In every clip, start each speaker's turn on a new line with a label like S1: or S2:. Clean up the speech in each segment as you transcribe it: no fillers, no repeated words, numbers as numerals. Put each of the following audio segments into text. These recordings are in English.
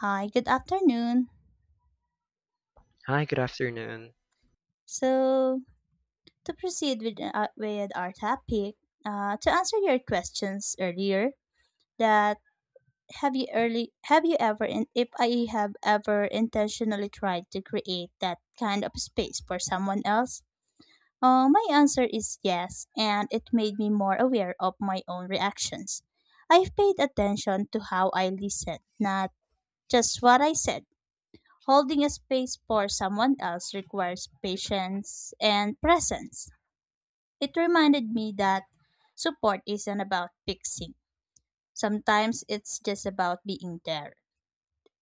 S1: Hi, good afternoon.
S2: Hi, good afternoon.
S1: So, to proceed with our topic, to answer your questions earlier, that have you ever if I have ever intentionally tried to create that kind of space for someone else? My answer is yes, and it made me more aware of my own reactions. I've paid attention to how I listened, not just what I said. Holding a space for someone else requires patience and presence. It reminded me that support isn't about fixing, sometimes it's just about being there.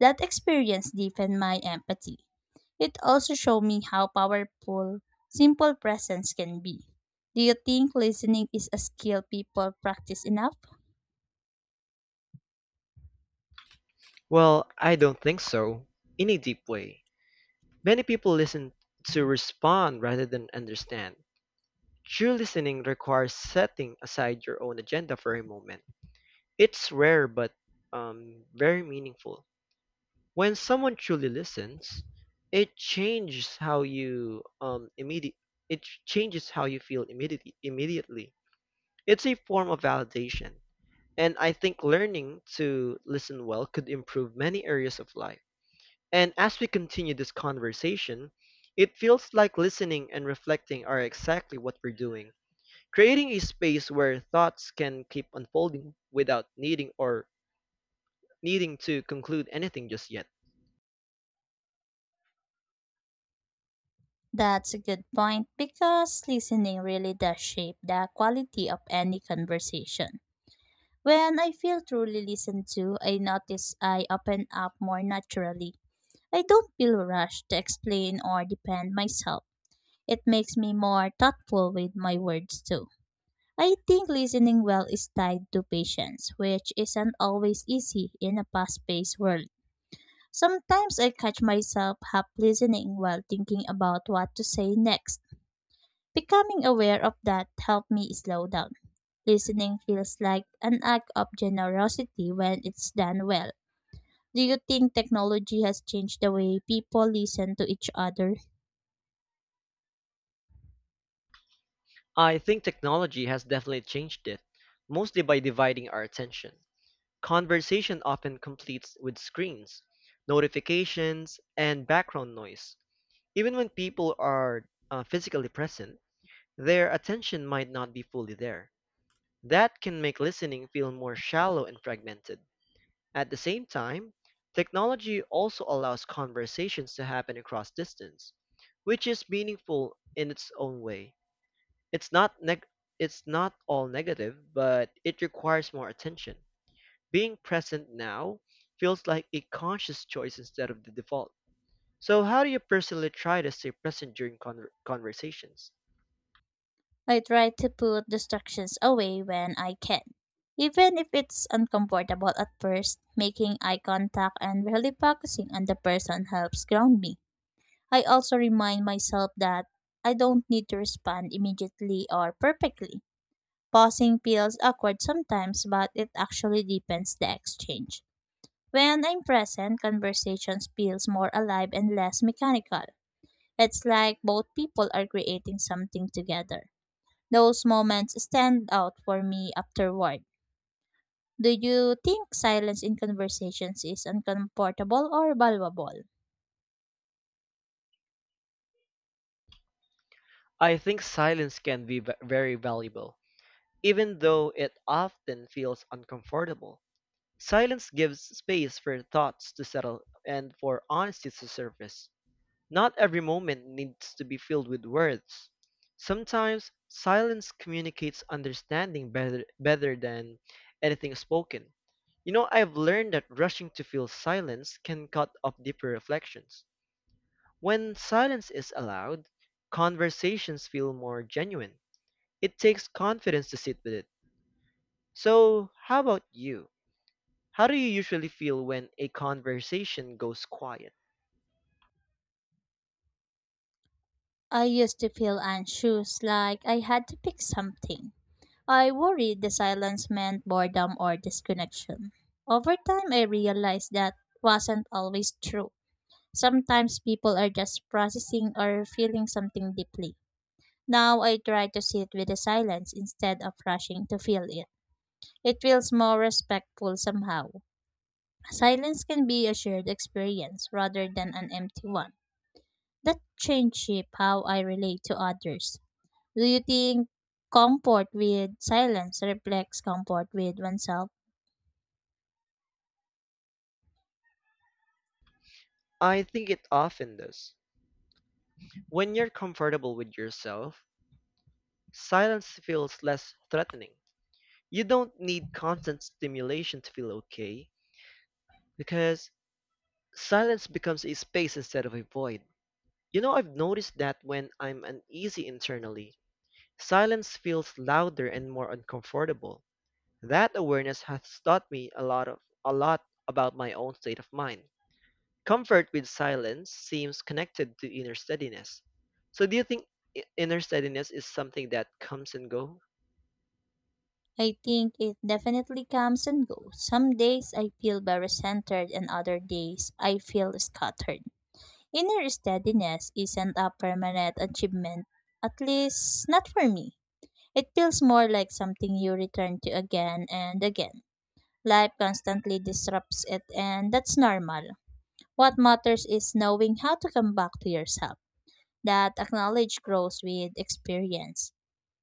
S1: That experience deepened my empathy. It also showed me how powerful simple presence can be. Do you think listening is a skill people practice enough?
S2: Well, I don't think so, in a deep way. Many people listen to respond rather than understand. True listening requires setting aside your own agenda for a moment. It's rare but very meaningful. When someone truly listens, it changes how you immediate. It changes how you feel immediately. Immediately, it's a form of validation, and I think learning to listen well could improve many areas of life. And as we continue this conversation, it feels like listening and reflecting are exactly what we're doing, creating a space where thoughts can keep unfolding without needing to conclude anything just yet.
S1: That's a good point because listening really does shape the quality of any conversation. When I feel truly listened to, I notice I open up more naturally. I don't feel rushed to explain or defend myself. It makes me more thoughtful with my words too. I think listening well is tied to patience, which isn't always easy in a fast paced world. Sometimes I catch myself half listening while thinking about what to say next. Becoming aware of that helped me slow down. Listening feels like an act of generosity when it's done well. Do you think technology has changed the way people listen to each other?
S2: I think technology has definitely changed it, mostly by dividing our attention. Conversation often completes with screens, notifications, and background noise. Even when people are physically present, their attention might not be fully there. That can make listening feel more shallow and fragmented. At the same time, technology also allows conversations to happen across distance, which is meaningful in its own way. It's not neg- it's not all negative, but it requires more attention. Being present now feels like a conscious choice instead of the default. So, how do you personally try to stay present during conversations?
S1: I try to put distractions away when I can. Even if it's uncomfortable at first, making eye contact and really focusing on the person helps ground me. I also remind myself that I don't need to respond immediately or perfectly. Pausing feels awkward sometimes, but it actually deepens the exchange. When I'm present, conversations feels more alive and less mechanical. It's like both people are creating something together. Those moments stand out for me afterward. Do you think silence in conversations is uncomfortable or valuable?
S2: I think silence can be very valuable, even though it often feels uncomfortable. Silence gives space for thoughts to settle and for honesty to surface. Not every moment needs to be filled with words. Sometimes silence communicates understanding better than anything spoken. You know, I've learned that rushing to fill silence can cut off deeper reflections. When silence is allowed, conversations feel more genuine. It takes confidence to sit with it. So, how about you? How do you usually feel when a conversation goes quiet?
S1: I used to feel anxious, like I had to pick something. I worried the silence meant boredom or disconnection. Over time, I realized that wasn't always true. Sometimes people are just processing or feeling something deeply. Now I try to sit with the silence instead of rushing to feel it. It feels more respectful somehow. Silence can be a shared experience rather than an empty one. That changes shape how I relate to others. Do you think comfort with silence reflects comfort with oneself?
S2: I think it often does. When you're comfortable with yourself, silence feels less threatening. You don't need constant stimulation to feel okay because silence becomes a space instead of a void. You know, I've noticed that when I'm uneasy internally, silence feels louder and more uncomfortable. That awareness has taught me a lot about my own state of mind. Comfort with silence seems connected to inner steadiness. So do you think inner steadiness is something that comes and goes?
S1: I think it definitely comes and goes. Some days I feel very centered, and other days I feel scattered. Inner steadiness isn't a permanent achievement, at least not for me. It feels more like something you return to again and again. Life constantly disrupts it, and that's normal. What matters is knowing how to come back to yourself. That acknowledge grows with experience.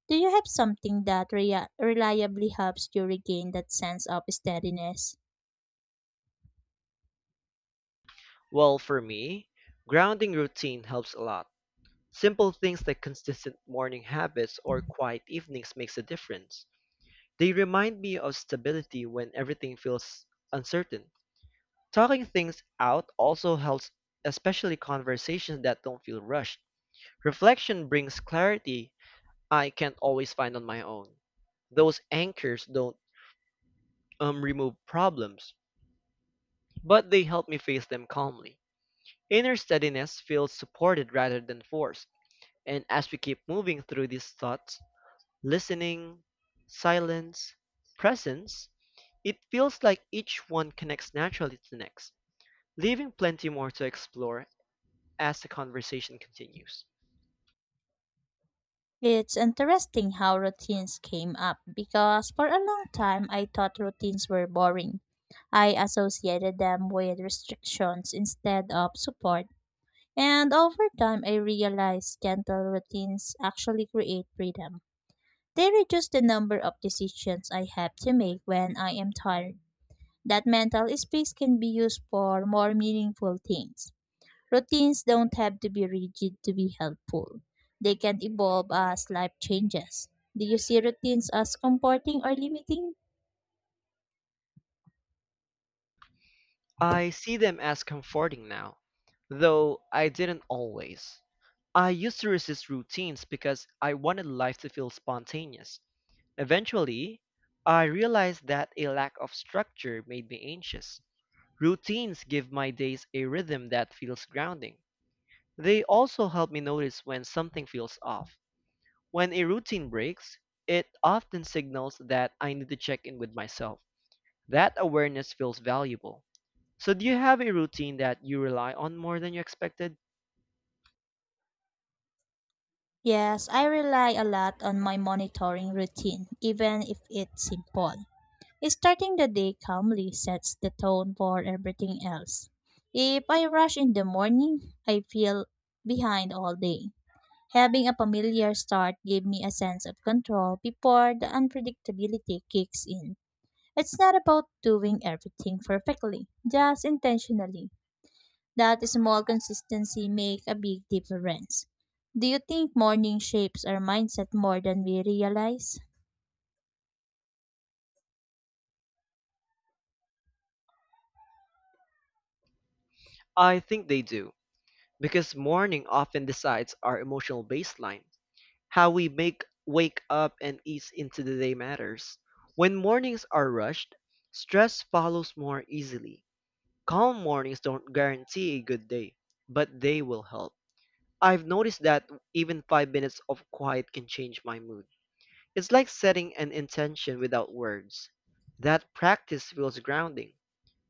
S1: Do you have something that reliably helps you regain that sense of steadiness?
S2: Well, for me, grounding routine helps a lot. Simple things like consistent morning habits or quiet evenings makes a difference. They remind me of stability when everything feels uncertain. Talking things out also helps, especially conversations that don't feel rushed. Reflection brings clarity I can't always find on my own. Those anchors don't remove problems, but they help me face them calmly. Inner steadiness feels supported rather than forced, and as we keep moving through these thoughts, listening, silence, presence, it feels like each one connects naturally to the next, leaving plenty more to explore as the conversation continues.
S1: It's interesting how routines came up because for a long time I thought routines were boring. I associated them with restrictions instead of support. And over time, I realized gentle routines actually create freedom. They reduce the number of decisions I have to make when I am tired. That mental space can be used for more meaningful things. Routines don't have to be rigid to be helpful. They can evolve as life changes. Do you see routines as comforting or limiting?
S2: I see them as comforting now, though I didn't always. I used to resist routines because I wanted life to feel spontaneous. Eventually, I realized that a lack of structure made me anxious. Routines give my days a rhythm that feels grounding. They also help me notice when something feels off. When a routine breaks, it often signals that I need to check in with myself. That awareness feels valuable. So, do you have a routine that you rely on more than you expected?
S1: Yes, I rely a lot on my monitoring routine, even if it's simple. Starting the day calmly sets the tone for everything else. If I rush in the morning, I feel behind all day. Having a familiar start gave me a sense of control before the unpredictability kicks in. It's not about doing everything perfectly, just intentionally. That small consistency make a big difference. Do you think morning shapes our mindset more than we realize?
S2: I think they do, because morning often decides our emotional baseline. How we make wake up and ease into the day matters. When mornings are rushed, stress follows more easily. Calm mornings don't guarantee a good day, but they will help. I've noticed that even 5 minutes of quiet can change my mood. It's like setting an intention without words. That practice feels grounding.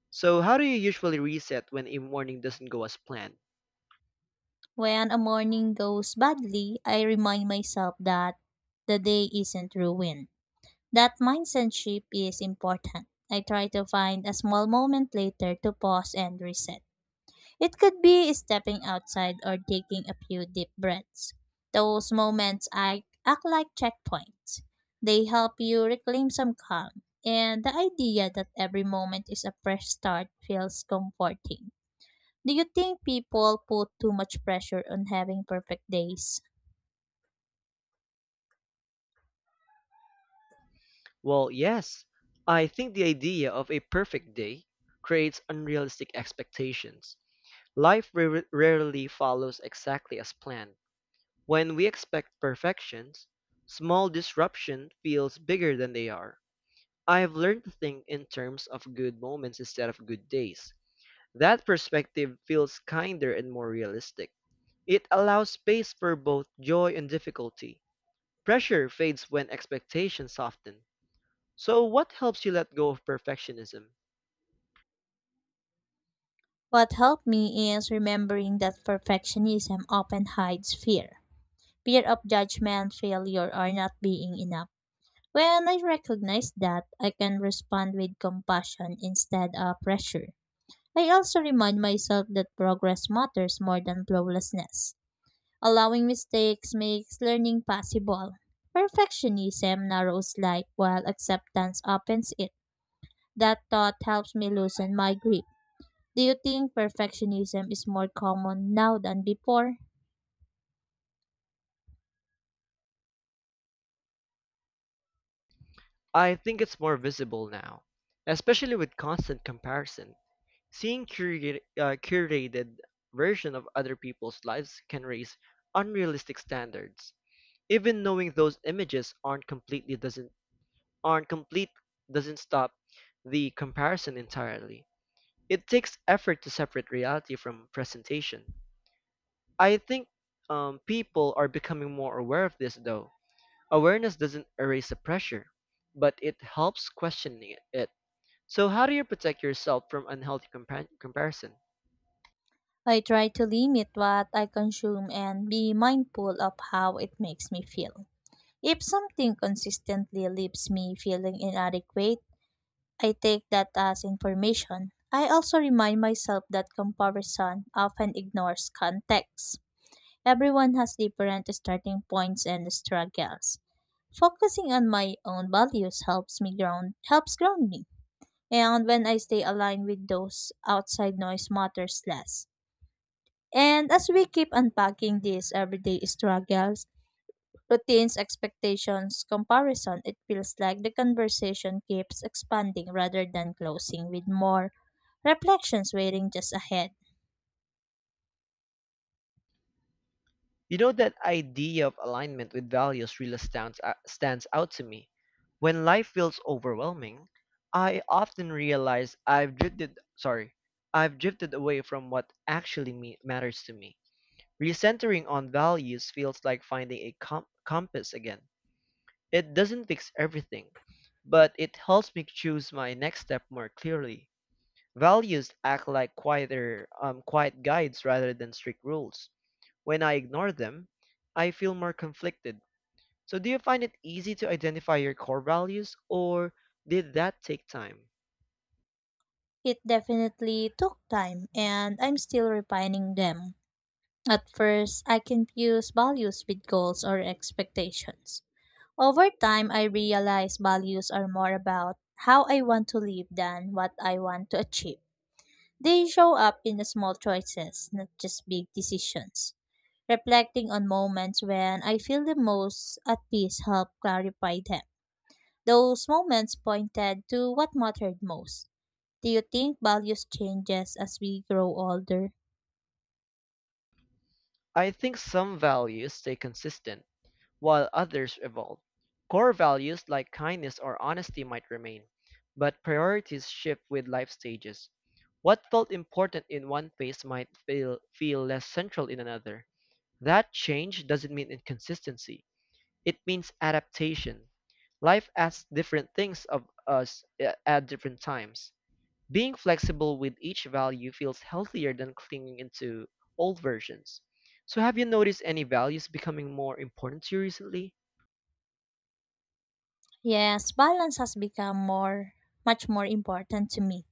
S2: So, how do you usually reset when a morning doesn't go as planned?
S1: When a morning goes badly, I remind myself that the day isn't ruined. That mindset shift is important. I try to find a small moment later to pause and reset. It could be stepping outside or taking a few deep breaths. Those moments act like checkpoints. They help you reclaim some calm, and the idea that every moment is a fresh start feels comforting. Do you think people put too much pressure on having perfect days?
S2: Well, yes. I think the idea of a perfect day creates unrealistic expectations. Life rarely follows exactly as planned. When we expect perfections, small disruption feels bigger than they are. I've learned to think in terms of good moments instead of good days. That perspective feels kinder and more realistic. It allows space for both joy and difficulty. Pressure fades when expectations soften. So, what helps you let go of perfectionism?
S1: What helped me is remembering that perfectionism often hides fear of judgment, failure, or not being enough. When I recognize that, I can respond with compassion instead of pressure. I also remind myself that progress matters more than flawlessness. Allowing mistakes makes learning possible. Perfectionism narrows life while acceptance opens it. That thought helps me loosen my grip. Do you think perfectionism is more common now than before?
S2: I think it's more visible now, especially with constant comparison. Seeing curated version of other people's lives can raise unrealistic standards. Even knowing those images aren't completely doesn't aren't complete doesn't stop the comparison entirely. It takes effort to separate reality from presentation. I think people are becoming more aware of this though. Awareness doesn't erase the pressure, but it helps questioning it. So, how do you protect yourself from unhealthy comparison?
S1: I try to limit what I consume and be mindful of how it makes me feel. If something consistently leaves me feeling inadequate, I take that as information. I also remind myself that comparison often ignores context. Everyone has different starting points and struggles. Focusing on my own values helps ground me. And when I stay aligned with those, outside noise matters less. And as we keep unpacking these everyday struggles, routines, expectations, comparison, it feels like the conversation keeps expanding rather than closing with more reflections waiting just ahead.
S2: You know, that idea of alignment with values really stands out to me. When life feels overwhelming, I often realize I've drifted away from what matters to me. Recentering on values feels like finding a compass again. It doesn't fix everything, but it helps me choose my next step more clearly. Values act like quiet guides rather than strict rules. When I ignore them, I feel more conflicted. So, do you find it easy to identify your core values, or did that take time?
S1: It definitely took time and I'm still refining them. At first, I confused values with goals or expectations. Over time, I realized values are more about how I want to live than what I want to achieve. They show up in the small choices, not just big decisions. Reflecting on moments when I feel the most at peace help clarify them. Those moments pointed to what mattered most. Do you think values changes as we grow older?
S2: I think some values stay consistent. While others evolve, core values like kindness or honesty might remain, but priorities shift with life stages. What felt important in one phase might feel less central in another. That change doesn't mean inconsistency, it means adaptation. Life asks different things of us at different times. Being flexible with each value feels healthier than clinging into old versions. So, have you noticed any values becoming more important to you recently?
S1: Yes, balance has become more much more important to me.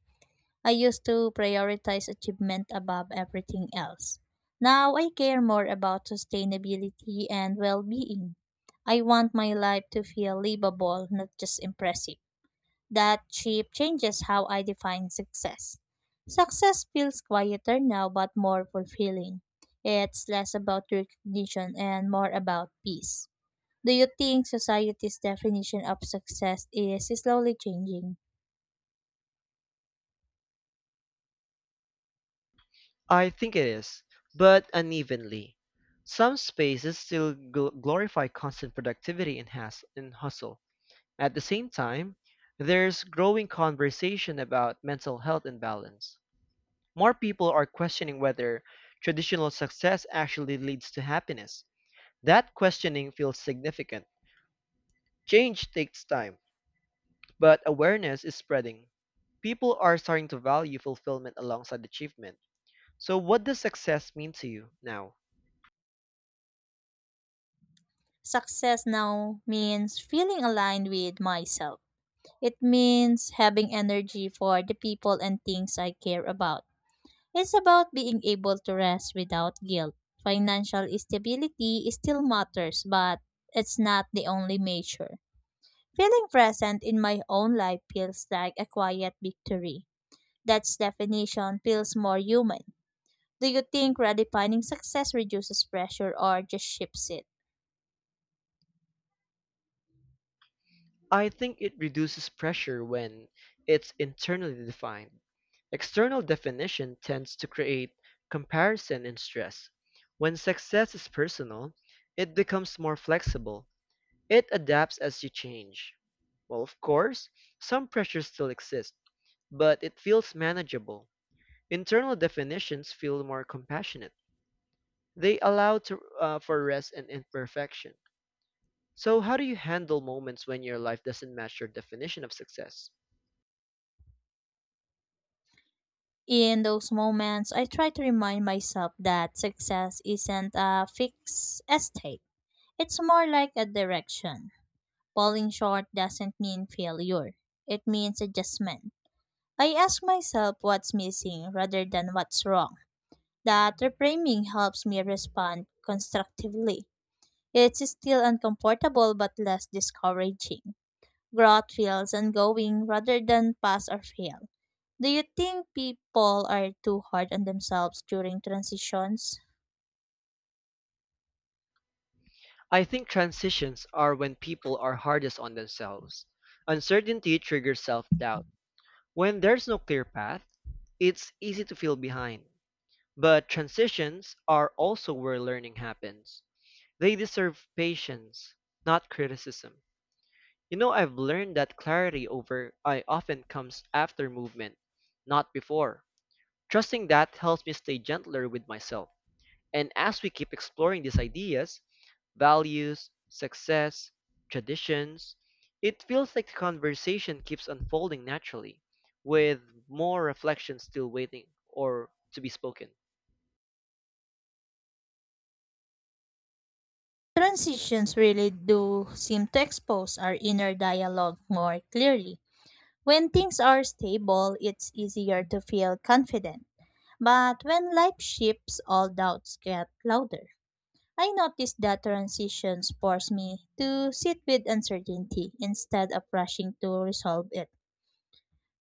S1: I used to prioritize achievement above everything else. Now I care more about sustainability and well being. I want my life to feel livable, not just impressive. That shift changes how I define success. Success feels quieter now but more fulfilling. It's less about recognition and more about peace. Do you think society's definition of success is slowly changing?
S2: I think it is, but unevenly. Some spaces still glorify constant productivity and hustle. At the same time, there's growing conversation about mental health and balance. More people are questioning whether traditional success actually leads to happiness. That questioning feels significant. Change takes time, but awareness is spreading. People are starting to value fulfillment alongside achievement. So, what does success mean to you now?
S1: Success now means feeling aligned with myself. It means having energy for the people and things I care about. It's about being able to rest without guilt. Financial stability still matters, but it's not the only measure. Feeling present in my own life feels like a quiet victory. That definition feels more human. Do you think redefining success reduces pressure or just shifts it?
S2: I think it reduces pressure when it's internally defined. External definition tends to create comparison and stress. When success is personal, it becomes more flexible. It adapts as you change. Well, of course, some pressures still exist, but it feels manageable. Internal definitions feel more compassionate. They allow for rest and imperfection. So, how do you handle moments when your life doesn't match your definition of success?
S1: In those moments, I try to remind myself that success isn't a fixed state. It's more like a direction. Falling short doesn't mean failure. It means adjustment. I ask myself what's missing rather than what's wrong. That reframing helps me respond constructively. It's still uncomfortable but less discouraging growth feels ongoing rather than pass or fail. Do you think people are too hard on themselves during transitions?
S2: I think transitions are when people are hardest on themselves. Uncertainty triggers self doubt. When there's no clear path, it's easy to feel behind. But transitions are also where learning happens. They deserve patience, not criticism. You know, I've learned that clarity over I often comes after movement, not before. Trusting that helps me stay gentler with myself. And as we keep exploring these ideas, values, success, traditions, it feels like the conversation keeps unfolding naturally, with more reflection still waiting or to be spoken.
S1: Transitions really do seem to expose our inner dialogue more clearly. When things are stable, it's easier to feel confident. But when life shifts, all doubts get louder. I noticed that transitions force me to sit with uncertainty instead of rushing to resolve it.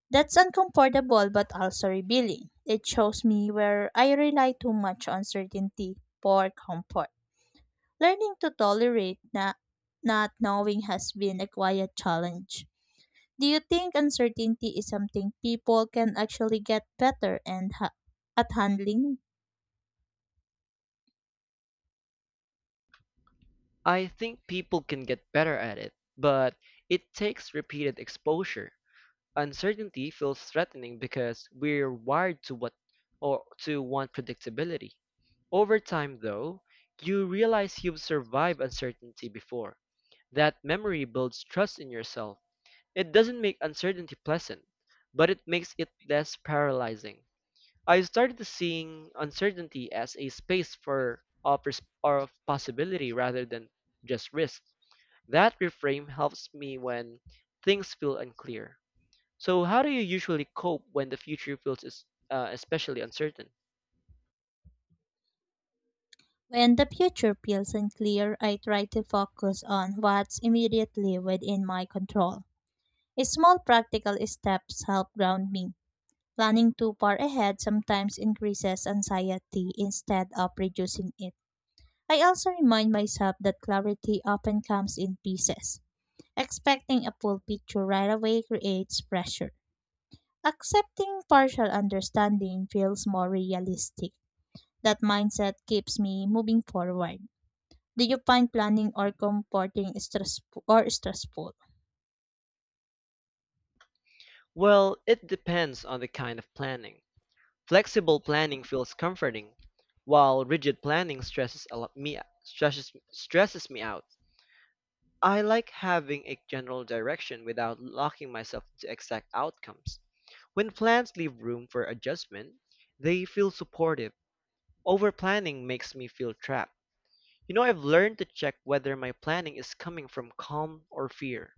S1: That's uncomfortable but also revealing. It shows me where I rely too much on certainty for comfort. Learning to tolerate not knowing has been a quiet challenge. Do you think uncertainty is something people can actually get better at handling?
S2: I think people can get better at it, but it takes repeated exposure. Uncertainty feels threatening because we're wired to what or to want predictability. Over time, though, you realize you've survived uncertainty before. That memory builds trust in yourself. It doesn't make uncertainty pleasant, but it makes it less paralyzing. I started seeing uncertainty as a space for of, pers- or of possibility rather than just risk. That reframe helps me when things feel unclear. So, how do you usually cope when the future feels especially uncertain?
S1: When the future feels unclear, I try to focus on what's immediately within my control. Small practical steps help ground me. Planning too far ahead sometimes increases anxiety instead of reducing it. I also remind myself that clarity often comes in pieces. Expecting a full picture right away creates pressure. Accepting partial understanding feels more realistic. That mindset keeps me moving forward. Do you find planning or comforting stressful or stressful?
S2: Well, it depends on the kind of planning. Flexible planning feels comforting, while rigid planning stresses a lot me stresses stresses me out. I like having a general direction without locking myself into exact outcomes. When plans leave room for adjustment, they feel supportive. Overplanning makes me feel trapped. You know, I've learned to check whether my planning is coming from calm or fear.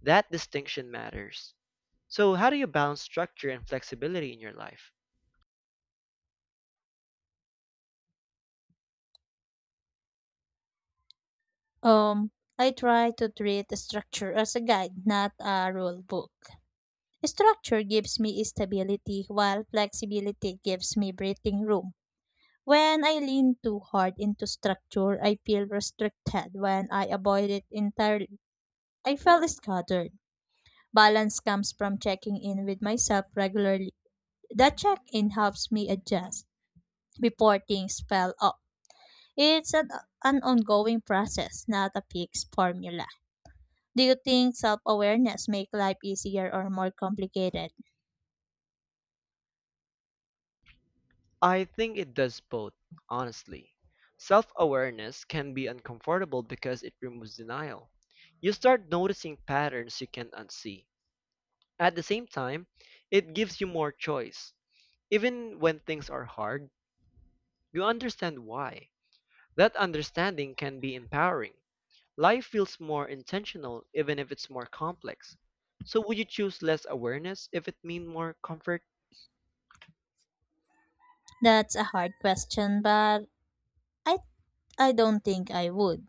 S2: That distinction matters. So, how do you balance structure and flexibility in your life?
S1: Um, I try to treat the structure as a guide, not a rule book. Structure gives me stability while flexibility gives me breathing room. When I lean too hard into structure, I feel restricted. When I avoid it entirely, I feel scattered. Balance comes from checking in with myself regularly. That check in helps me adjust before things fell off. It's an, an ongoing process, not a fixed formula. Do you think self awareness make life easier or more complicated?
S2: I think it does both, honestly. Self awareness can be uncomfortable because it removes denial. You start noticing patterns you can't unsee. At the same time, it gives you more choice. Even when things are hard, you understand why. That understanding can be empowering. Life feels more intentional even if it's more complex. So would you choose less awareness if it meant more comfort?
S1: That's a hard question, but I I don't think I would.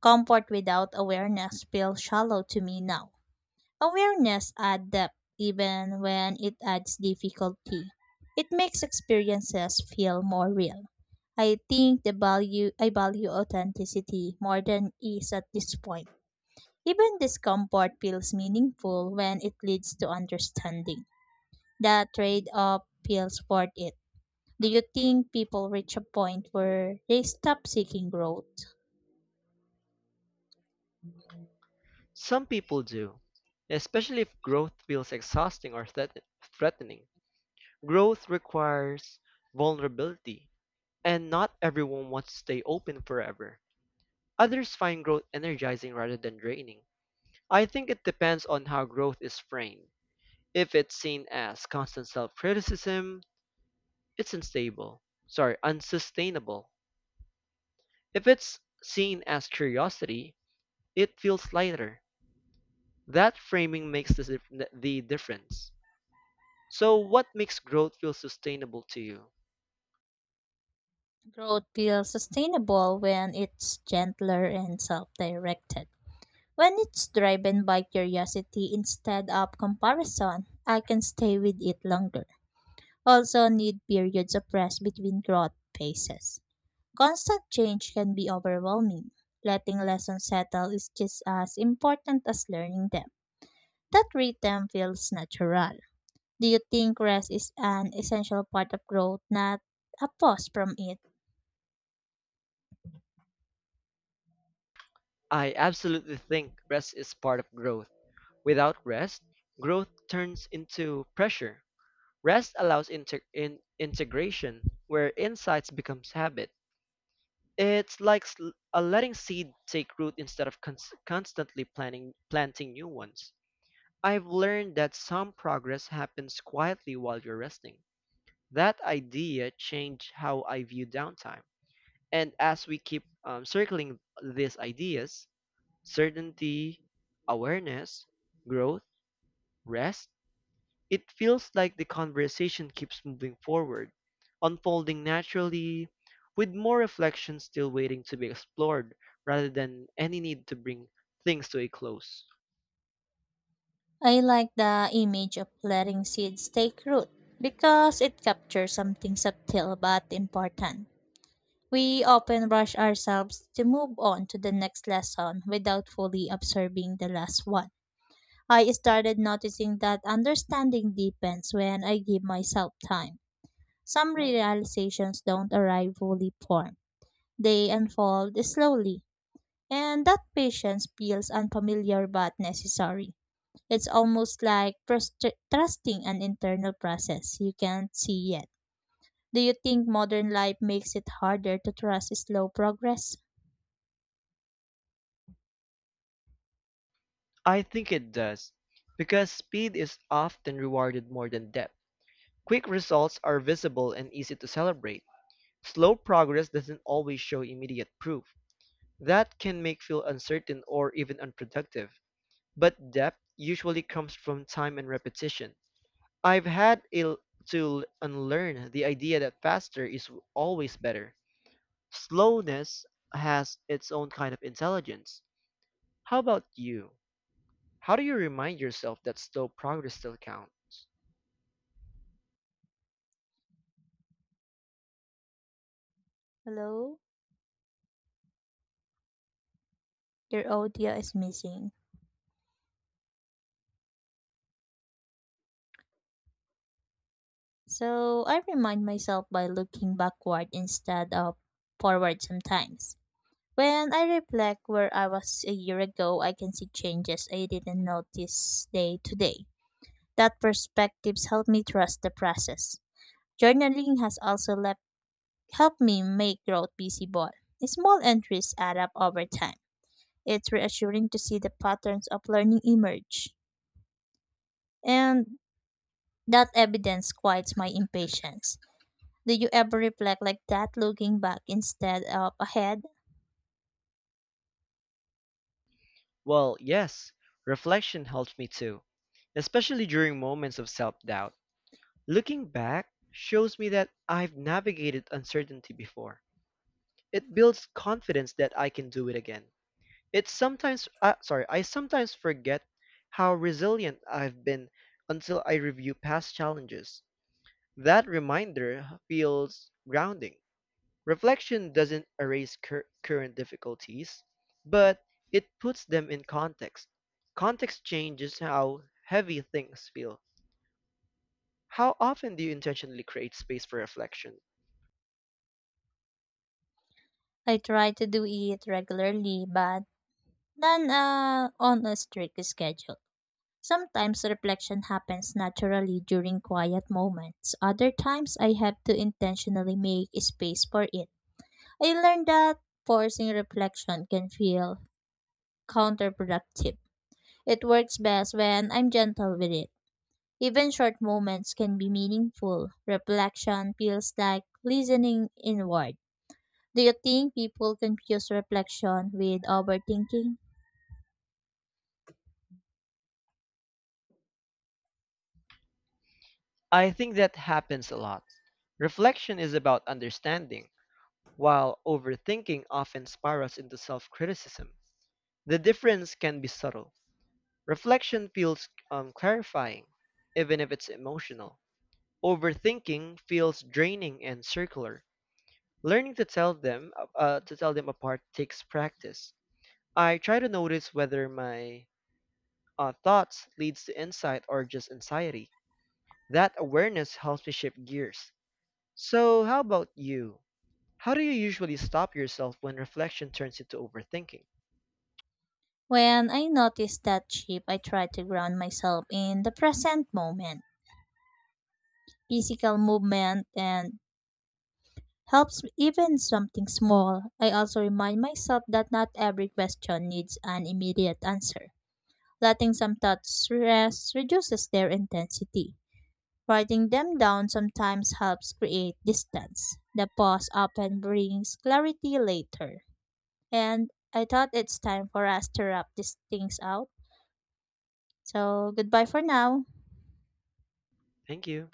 S1: Comfort without awareness feels shallow to me now. Awareness adds depth even when it adds difficulty. It makes experiences feel more real. I think the value I value authenticity more than ease at this point. Even discomfort feels meaningful when it leads to understanding. That trade-off feels worth it. Do you think people reach a point where they stop seeking growth?
S2: Some people do, especially if growth feels threatening. Growth requires vulnerability, and not everyone wants to stay open forever. Others find growth energizing rather than draining. I think it depends on how growth is framed. If it's seen as constant self criticism, it's unsustainable. If it's seen as curiosity, it feels lighter. That framing makes the difference. So, what makes growth feel sustainable to you?
S1: Growth feels sustainable when it's gentler and self directed. When it's driven by curiosity instead of comparison, I can stay with it longer. Also, need periods of rest between growth phases. Constant change can be overwhelming. Letting lessons settle is just as important as learning them. That rhythm feels natural. Do you think rest is an essential part of growth, not a pause from it?
S2: I absolutely think rest is part of growth. Without rest, growth turns into pressure. Rest allows integration, where insights becomes habit. It's like a letting seed take root instead of cons- constantly planning planting new ones. I've learned that some progress happens quietly while you're resting. That idea changed how I view downtime. And as we keep circling these ideas, certainty, awareness, growth, rest, it feels like the conversation keeps moving forward, unfolding naturally, with more reflection still waiting to be explored rather than any need to bring things to a close.
S1: I like the image of letting seeds take root because it captures something subtle but important. We often rush ourselves to move on to the next lesson without fully absorbing the last one. I started noticing that understanding deepens when I give myself time. Some realizations don't arrive fully formed, they unfold slowly, and that patience feels unfamiliar but necessary. It's almost like trusting an internal process you can't see yet. Do you think modern life makes it harder to trust slow progress?
S2: I think it does, because speed is often rewarded more than depth. Quick results are visible and easy to celebrate. Slow progress doesn't always show immediate proof. That can make feel uncertain or even unproductive. But depth usually comes from time and repetition. I've had to unlearn the idea that faster is always better. Slowness has its own kind of intelligence. How about you? How do you remind yourself that slow progress still counts?
S1: Hello? Your audio is missing. So I remind myself by looking backward instead of forward sometimes. When I reflect where I was a year ago, I can see changes I didn't notice day to day. That perspectives help me trust the process. Journaling has also left helped me make growth visible. Small entries add up over time. It's reassuring to see the patterns of learning emerge. And that evidence quiets my impatience. Do you ever reflect like that looking back instead of ahead?
S2: Well, yes, reflection helps me too, especially during moments of self doubt. Looking back shows me that I've navigated uncertainty before. It builds confidence that I can do it again. I sometimes forget how resilient I've been until I review past challenges. That reminder feels grounding. Reflection doesn't erase current difficulties, but it puts them in context. Context changes how heavy things feel. How often do you intentionally create space for reflection?
S1: I try to do it regularly, but not on a strict schedule. Sometimes reflection happens naturally during quiet moments. Other times I have to intentionally make space for it. I learned that forcing reflection can feel counterproductive. It works best when I'm gentle with it. Even short moments can be meaningful. Reflection feels like listening inward. Do you think people confuse reflection with overthinking?
S2: I think that happens a lot. Reflection is about understanding, while overthinking often spirals into self criticism. The difference can be subtle. Reflection feels clarifying, even if it's emotional. Overthinking feels draining and circular. Learning to tell them apart takes practice. I try to notice whether my thoughts leads to insight or just anxiety. That awareness helps me shift gears. So, how about you? How do you usually stop yourself when reflection turns into overthinking?
S1: When I notice that shift, I try to ground myself in the present moment. Physical movement and helps even something small. I also remind myself that not every question needs an immediate answer. Letting some thoughts rest reduces their intensity. Writing them down sometimes helps create distance. The pause often brings clarity later. And I thought it's time for us to wrap these things out. So goodbye for now.
S2: Thank you.